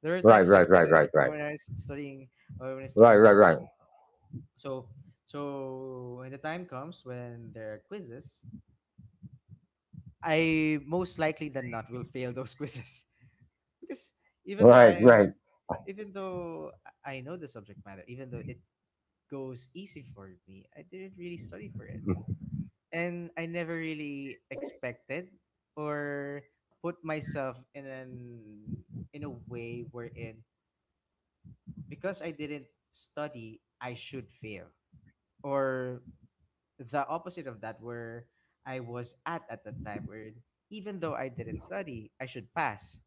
There are Right, times like right, that, right, eh, right, when right, I was studying, or when I was right, studying medicine. right, So so when the time comes, when there are quizzes, I most likely than not will fail those quizzes, because even though I right, right, am, right, even though I know the subject matter, even though it goes easy for me, I didn't really study for it. And I never really expected, or put myself in an, in a way wherein, because I didn't study, I should fail, or the opposite of that, where I was at the time, where even though I didn't study, I should pass.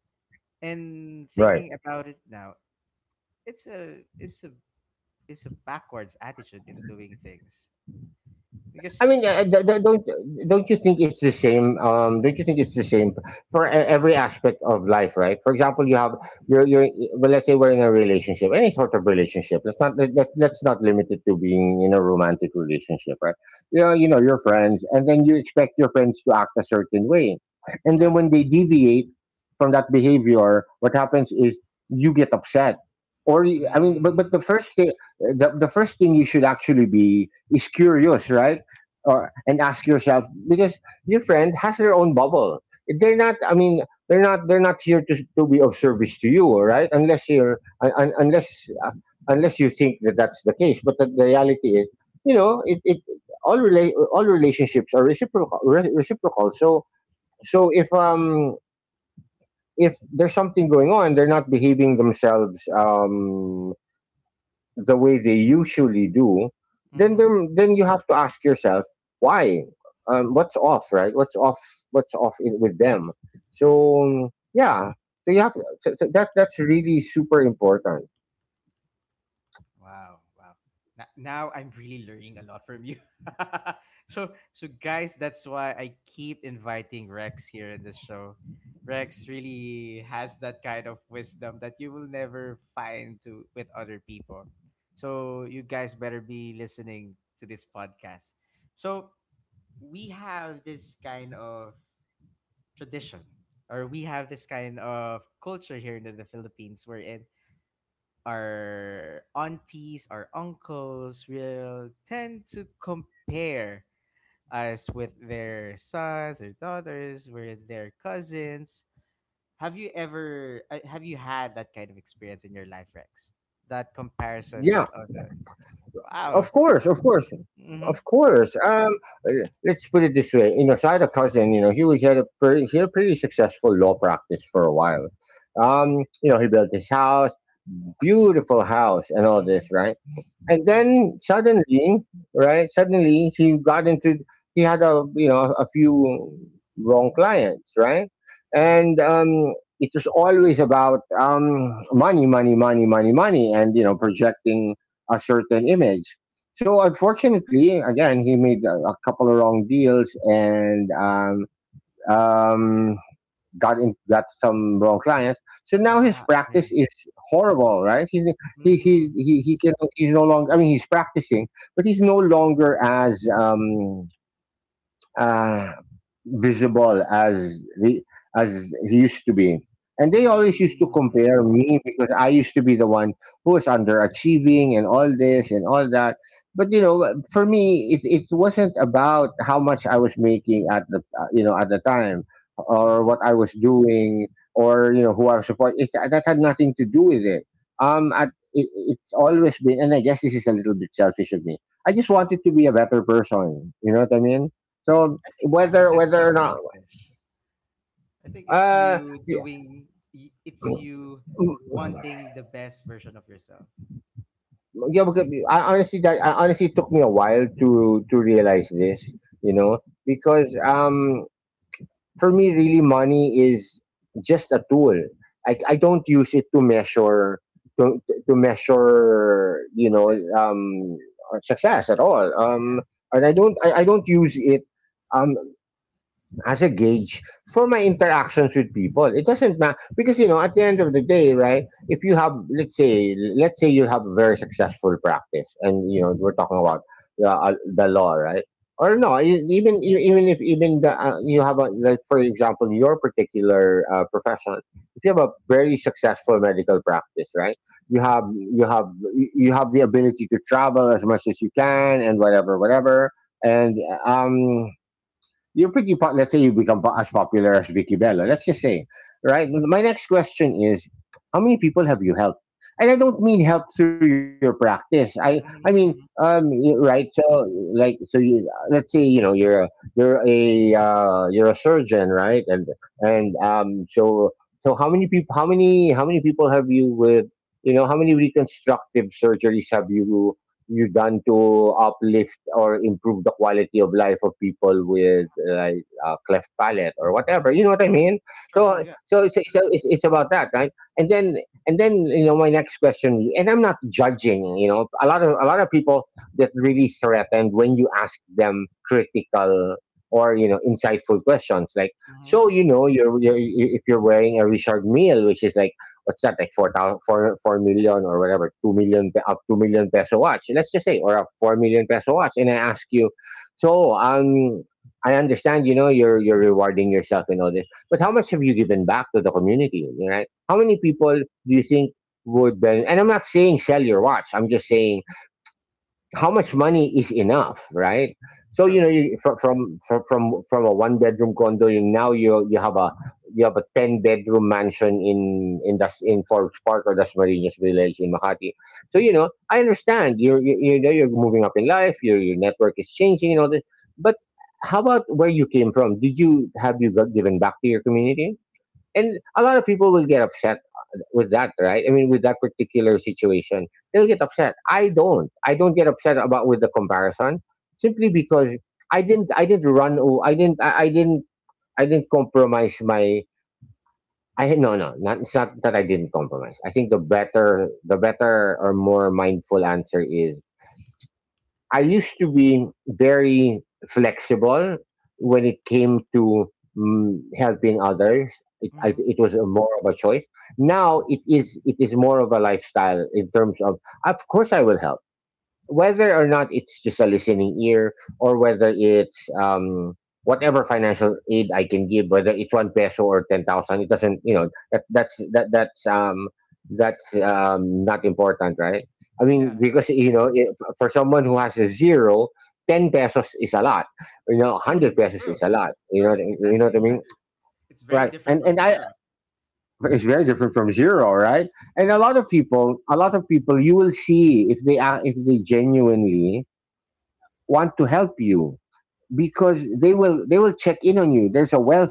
And right. thinking about it now, it's a, it's a backwards attitude in doing things, because I mean, don't you think it's the same? Don't you think it's the same for every aspect of life, right? For example, you have you're well, let's say we're in a relationship, any sort of relationship. Let's not limit it to being in a romantic relationship, right? Yeah, you know your friends, and then you expect your friends to act a certain way, and then yeah. when they deviate from that behavior, what happens is you get upset, I mean, but Mm, the first thing, the first thing you should actually be is curious, right? Or and ask yourself, because your friend has their own bubble. They're not. I mean, they're not. They're not here to be of service to you, all right? Unless you're un, un- unless uh, unless you think that that's the case. But the reality is, you know, it all relationships are reciprocal. Reciprocal. So so if um if there's something going on, they're not behaving themselves. The way they usually do, then mm-hmm. there, then you have to ask yourself why, what's off, right? What's off? What's off in, with them? So yeah, so you have so that. That's really super important. Wow, wow. Now I'm really learning a lot from you. So guys, that's why I keep inviting Rex here in this show. Rex really has that kind of wisdom that you will never find to with other people. So you guys better be listening to this podcast. So we have this kind of tradition or we have this kind of culture here in the Philippines wherein our aunties, our uncles will tend to compare us with their sons their daughters, with their cousins. Have you had that kind of experience in your life, Rex? That comparison Yeah, with other. Wow. of course, of course, Mm-hmm. of course. Uh, let's put it this way. You know, so I had a cousin. You know, he had a pretty, he had a pretty successful law practice for a while. Okay. You know, he built his house, beautiful house, and all Mm-hmm. this, right? And Mm-hmm. then suddenly, right? Suddenly he got into, he had, a you know, a few wrong clients, right? Mm-hmm. And it was always about, money, money, money, money, money, and you know, projecting a certain image. So unfortunately, again, he made a couple of wrong deals, and um, got in, got some wrong clients. So now his Wow. Oh, yeah. practice is horrible, right? Mm-hmm. He can he's no longer. I mean, he's practicing, but he's no longer as uh, visible as as he used to be. And they always used to Mm, compare me because I used to be the one who was underachieving and all this and all that. But you know, for me, it wasn't about how much I was making at the you know, at the time or mhm. what I was doing or you know, who I was supporting. That had nothing to do with it. It's always been, and I guess this is a little bit selfish of me, I just wanted to be a better person. You know what I mean? So I think that's whether not or not, selfish. I think it's uh, you yeah, doing it's you wanting the best version of yourself. yeah, because I honestly, that I honestly, took me a while to realize this, you Hmm. know, because um, for me, really, money is just a tool. I don't use it to measure, to to measure, you know, Success. um, success at all. Yeah. And I don't use it, um, as a gauge for my interactions with people. It doesn't matter, because you know, at the end of the day, right? If you have, let's say you have a very successful practice, and you know, we're talking about the law, right? Or Hmm. no, even if, even you have a, like for example, your particular, profession, if you have a very successful medical practice, right? You have you have you have the ability to travel as much as you can, and whatever, whatever, and um, you pretty let's say you become as popular as Vicky Bello. Let's just say, right? My next question is, how many people have you helped? And I don't mean help through your practice. I mean, Hmm. Hmm. Right? So like, so you, let's say, you know, you're a, you're a, you're a surgeon, right? And so so, how many people? How many people have you with? You know, how many reconstructive surgeries have you done to uplift or improve the quality of life of people with, like, cleft palate, or whatever, you know what I mean? True. True. So Yeah. It's about that, right? And then, and then, you know, my next question, and I'm not judging, you know, a lot of people get really threatened when you ask them critical or, you know, insightful questions, like, Hmm. so you know, you're, if you're wearing a Richard Meal, which is like, what's that like, four thou- four four million or whatever, 2 million pe- up 2 million peso watch, let's just say, or a 4 million peso watch, and I ask you, so um, I understand, you know, you're rewarding yourself and all this, but how much have you given back to the community, right? How many people do you think would and I'm not saying sell your watch, I'm just saying, how much money is enough, right? So you True. know, you, from, Yeah. from from from from a one bedroom condo, you you have a, you have a 10 bedroom mansion in das in Forbes Park or Das Marinas Village in Makati. So you know, I understand you're, you know, you're moving up in life, your network is changing and all this, but how about where you came from? Did you Have you got, given back to your community? And a lot of people will get upset, with that, right? I mean, with that particular situation, they'll get upset. I don't. I don't get upset about with the comparison, simply because I didn't. I didn't run. I didn't. I didn't. I didn't compromise my. I No, no. Not, it's not that I didn't compromise. I think the better or more mindful answer is, I used to be very flexible when it came to, mm, helping others. Hmm. It was a more of a choice. Now it is more of a lifestyle, in terms of course, I will help, whether or not it's just a listening ear, or whether it's um, whatever financial aid I can give, whether it's one peso or 10,000, it doesn't, you know, that's um, that's um, not important, right? I mean, Yeah. because you know, if, for someone who has a zero, 10 pesos is a lot. You know, hundred Mm, pesos is true. a lot. You know, True. You know Exactly. what I mean, Exactly. It's very right? different from And I zero. it's very different from zero, right? And a Yeah. lot of people, you will see if they genuinely want to help you because they will check in on you. There's a wealth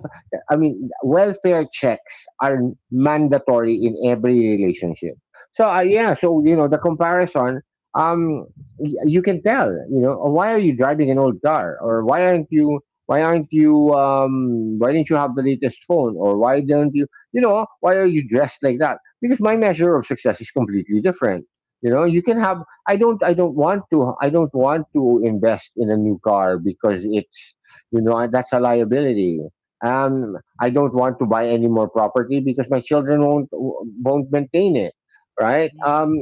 I mean welfare checks are mandatory in every relationship. So you know, the comparison, um you can tell, you know, "Oh, why are you driving an old car? Or why aren't you why didn't you have the latest phone? Or why don't you you know why are you dressed like that?" Because my measure of success is completely different. You know, you can have I don't want to invest in a new car because it's, you know, that's a liability. Um, I don't want to buy any more property because my children won't maintain it, right? Hmm.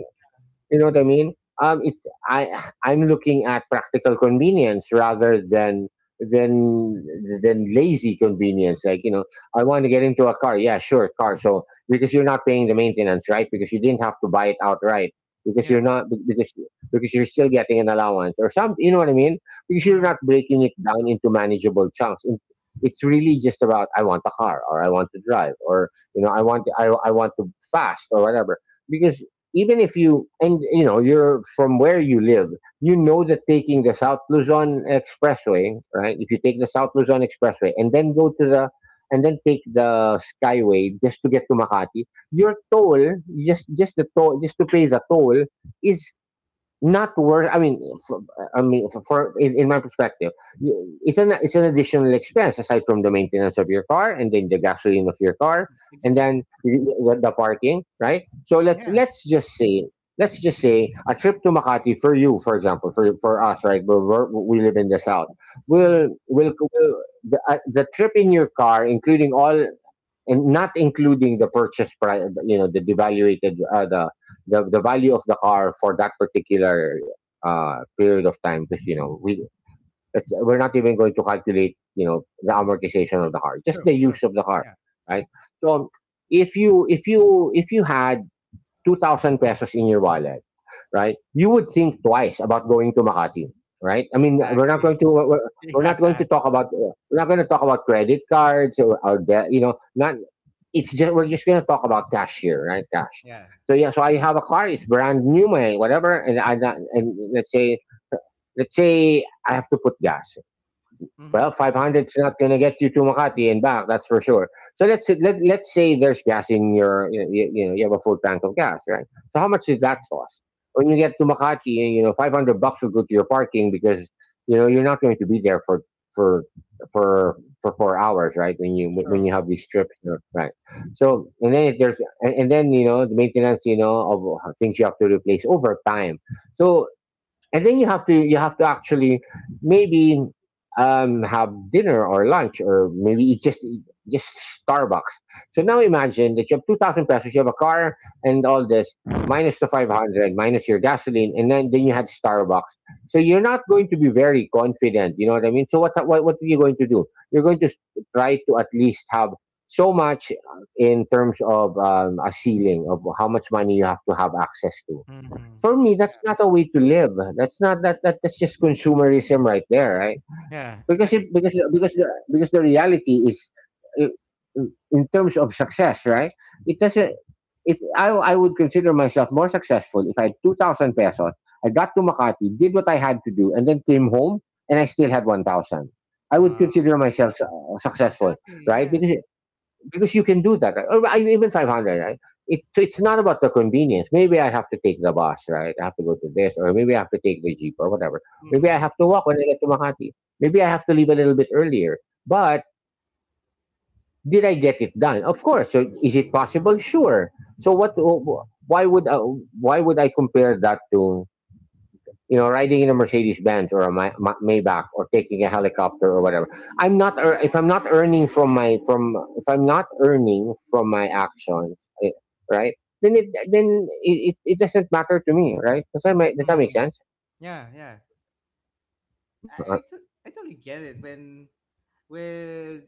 You know what I mean? It, I I'm looking at practical convenience rather than than than lazy convenience. Like, you know, I want to get into a car. Yeah, sure, car. So because you're not paying the maintenance, right? Because you didn't have to buy it outright. Because you're Yeah. not be- Because you're still getting an allowance or some. You know what I mean? Because you're Hmm. not breaking it down into manageable chunks. It's really just about I want a car, or I want to drive, or, you know, I want I want to fast or whatever. Because even if you know, you're from where you live, you know that taking the South Luzon Expressway, right? If you take the South Luzon Expressway and then go to the, and then take the Skyway just to get to Makati, your toll, just the toll, just to pay the toll, is not worth. For, I mean, for, in my perspective, it's an additional expense aside from the maintenance of your car, and then the gasoline of your car, and Exactly. then the parking, right? So Yeah. let's just say, a trip to Makati for you, for example, for us, right? We live in the south. Hmm. Will the trip in your car, including all, and not including the purchase price, you know, the devaluated, the value of the car for that particular period of time. Because, you know, we're not even going to calculate, you know, the amortization of the car, just True. the True. use of the car, Yeah. right? So if you had 2,000 pesos in your wallet, right, you would think twice about going to Makati, right? Exactly. We're not going to talk Yes. about credit cards, or, you know, not, it's just, we're just gonna talk about cash here, right? Cash. Yeah. So yeah, so I have a car, it's brand new, my whatever, and I, and let's say, I have to put gas. Well, Hmm. 500's not gonna get you to Makati and back, that's for sure. Let's say there's gas in your you have a full tank of gas, right? So how much did that Mhm. cost? When you get to Makati, you know, 500 bucks will go to your parking, because, you know, you're not going to be there for for 4 hours, right? When you True. have these trips, you know, right? So, and then if there's, and then, you know, the maintenance, you know, of things you have to replace over time. So, and then you have to actually, maybe, have dinner or lunch, or maybe eat just Starbucks. So now imagine that you have 2,000 pesos, you have a car and all this, minus the 500, minus your gasoline, and then you had Starbucks. So you're not going to be very confident. You know what I mean? So what are you going to do? You're going to s- try to at least have so much, in terms of, a ceiling of how much money you have to have access to. Mhm. For me, that's Yeah. not a way to live. That's not, that's just consumerism right there, right? Yeah, Because if exactly. because the, reality is, i- in terms of success, right? It doesn't, if I would consider myself more successful if I had 2,000 pesos, I got to Makati, did what I had to do, and then came home, and I still had 1,000. I would Wow. consider myself successful, Exactly, right? yeah. Because you can do that, right? Or I- even 500, right? So it's not about the convenience. Maybe I have to take the bus, right? I have to go to this, or maybe I have to take the jeep or whatever. Maybe Mhm. I have to walk when I get to Makati. Maybe I have to leave a little bit earlier. But did I get it done? Of course. So is it possible? Sure. So what? Why would uh, why would I compare that to, you know, riding in a Mercedes Benz, or a Maybach, or taking a helicopter or whatever. I'm not ear- if I'm not earning from my from if I'm not earning from my actions, eh, right? Then it doesn't matter to me, right? Does that make, Mhm. sense? Yeah, yeah. Uh, I totally get it when with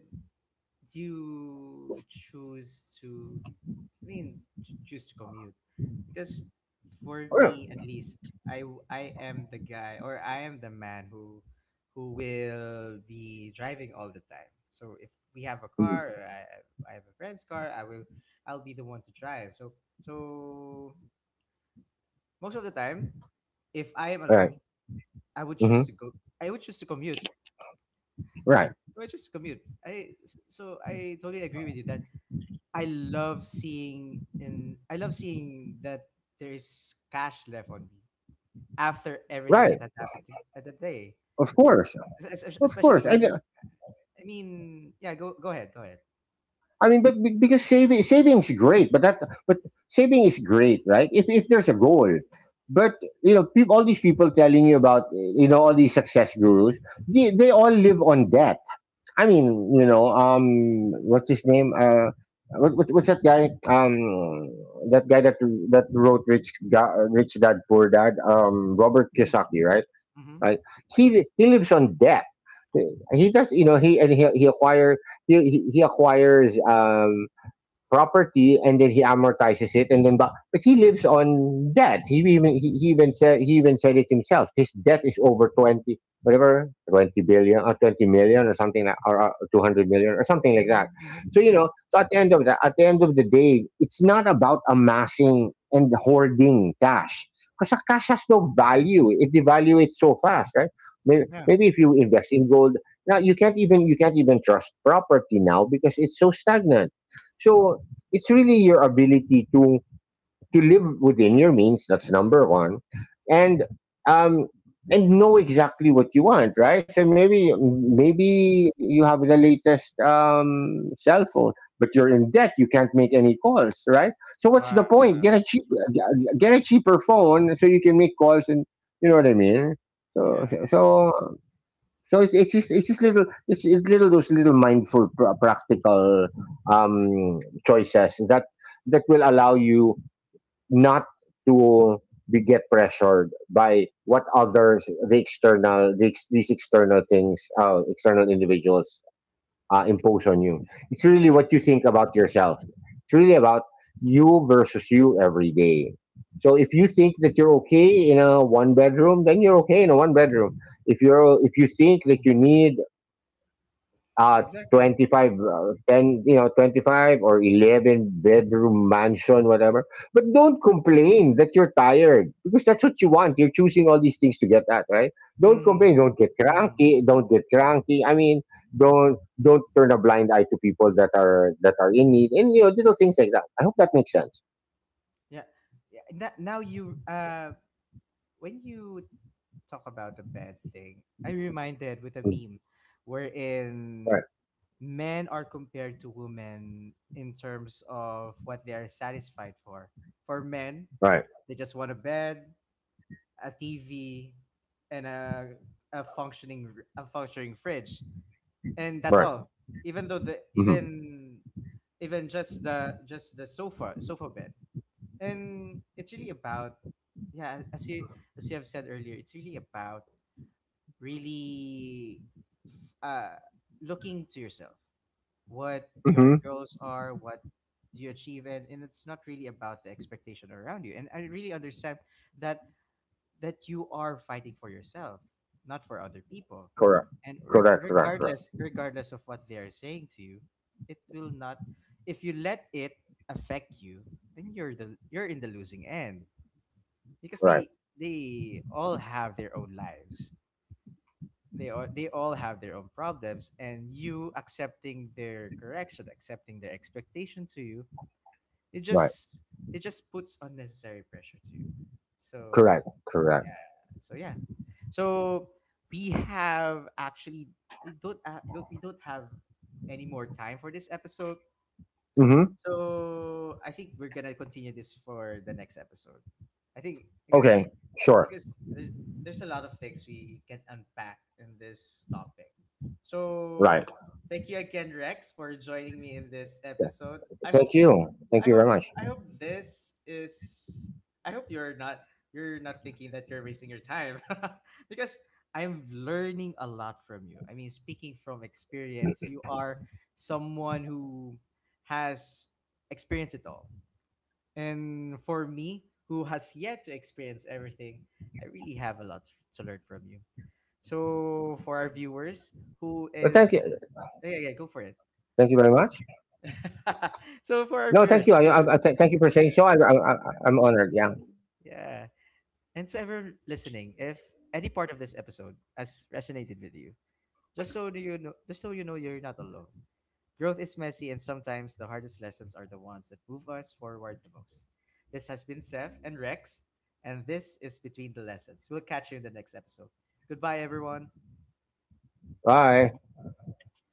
you choose to, I mean, choose to commute because for Yeah. me at least I am the guy, or I am the man who will be driving all the time. So if we have a car, Mhm. or I have a friend's car, I will, I'll be the one to drive. So so most of the time, if I am alone, Right. I would choose Mm-hmm. to go, I would choose to commute. Right. I would choose to commute. So I totally agree with you that I love seeing that there is cash left on me after everything Right. that had happened at that day. Of course. Of Especially course. When, I mean, yeah, go go ahead, go ahead. I mean, but because saving is great, but that but saving is great, right? If there's a goal, but, you know, peop all these people telling you about, you know, all these success gurus, they all live on debt. I mean, you know, what's his name? What's that guy? That guy that wrote Rich Rich Dad Poor Dad. Robert Mm-hmm. Kiyosaki, right? Mm-hmm. Right. He lives on debt. He does, you know, he acquire he acquires, property, and then he amortizes it, and then, but he lives on debt. He even, he even said, it himself, his debt is over 20, whatever, 20 billion, or 20 million, or something like, or 200 million or something like Mm-hmm. that. Hmm. So, you Yeah. know, so at the end of that, at the end of the day, it's not about amassing and hoarding cash, because cash has no value. It devaluates so fast, right? Maybe, Yeah. If you invest in gold. Now you can't even, trust property now, because it's so stagnant. So, it's really your ability to live within your means, that's number one. And um and know exactly what you want, right? So maybe, Mhm. You have the latest cell phone, but you're in debt, you can't make any calls, right? So what's Wow, the point? yeah. Get a cheap, get a cheaper phone, so you can make calls, and, you know what I mean? so Yeah. so so so it's, it's just little, it's little, those little mindful practical, um, choices, that will allow you not to be get pressured by what others, the external, these external things, external individuals e- impose on you. It's really Exactly. what you think about yourself. It's really about you versus you every day. So if you think that you're okay in a one bedroom, then you're okay in a one bedroom. If you're, if you think that you Hmm. need uh Exactly. 25, 10, you know, 25 or 11-bedroom mansion, whatever, but don't complain that you're tired, because that's what you want, you're choosing all these things to get at, right? Don't Hmm. complain, don't get Hmm. cranky, I mean, don't turn a blind eye to people that are in need, and, you know, little things like that. I hope that makes sense. Yeah. Yeah. Now, now you when you talk about the bad thing, I reminded with a Mm. meme wherein Right. men are compared to women in terms of what they are satisfied for. For men, right they just want a bed, a TV, and a functioning a functioning fridge, and that's right all. Even though the Mm-hmm. even even just the sofa bed, and it's really about, yeah, as you have said earlier, it's really about really uh looking to yourself, what your Mm-hmm. goals are, what do you achieve, and it's not really about the expectation around you. And I really understand that that you are fighting for yourself, not for other people. correct And correct. Correct. Correct. regardless, regardless of what they are saying to you, it will not, if you let it affect you, then you're in the losing end. Because Right. They all have their own lives, they all have their own problems, and you accepting their correction, accepting their expectation to you, it Right. just, it just puts unnecessary pressure to you. So Correct. yeah, so yeah, so we have actually, we don't have any more time for this episode, Mm-hmm. so I think we're gonna continue this for the next episode. I think Okay. Sure. because there's a lot of things we can unpack in this topic. Right. So thank you again, Rex, for joining me in this episode. Thank you. Thank I you very hope much. I hope this is I hope you're not thinking that you're wasting your time because No, I'm not at all. learning a Not at lot all. Not from at you. all. I mean, speaking from experience, you are someone who has experienced it all. And for me, who has yet to experience everything, I really have a lot to learn from you. So for our viewers who But thank is, you. yeah, yeah, go for it. Thank you very much. So for our No, viewers thank you. too, Thank you for saying so. I'm honored. Yeah. yeah. And to ever listening, if any part of this episode has resonated with you, just so you know, you're not alone. Growth is messy, and sometimes the hardest lessons are the ones that move us forward the most. This has been Seth and Rex, and this is Between the Lessons. We'll catch you in the next episode. Goodbye, everyone. Bye.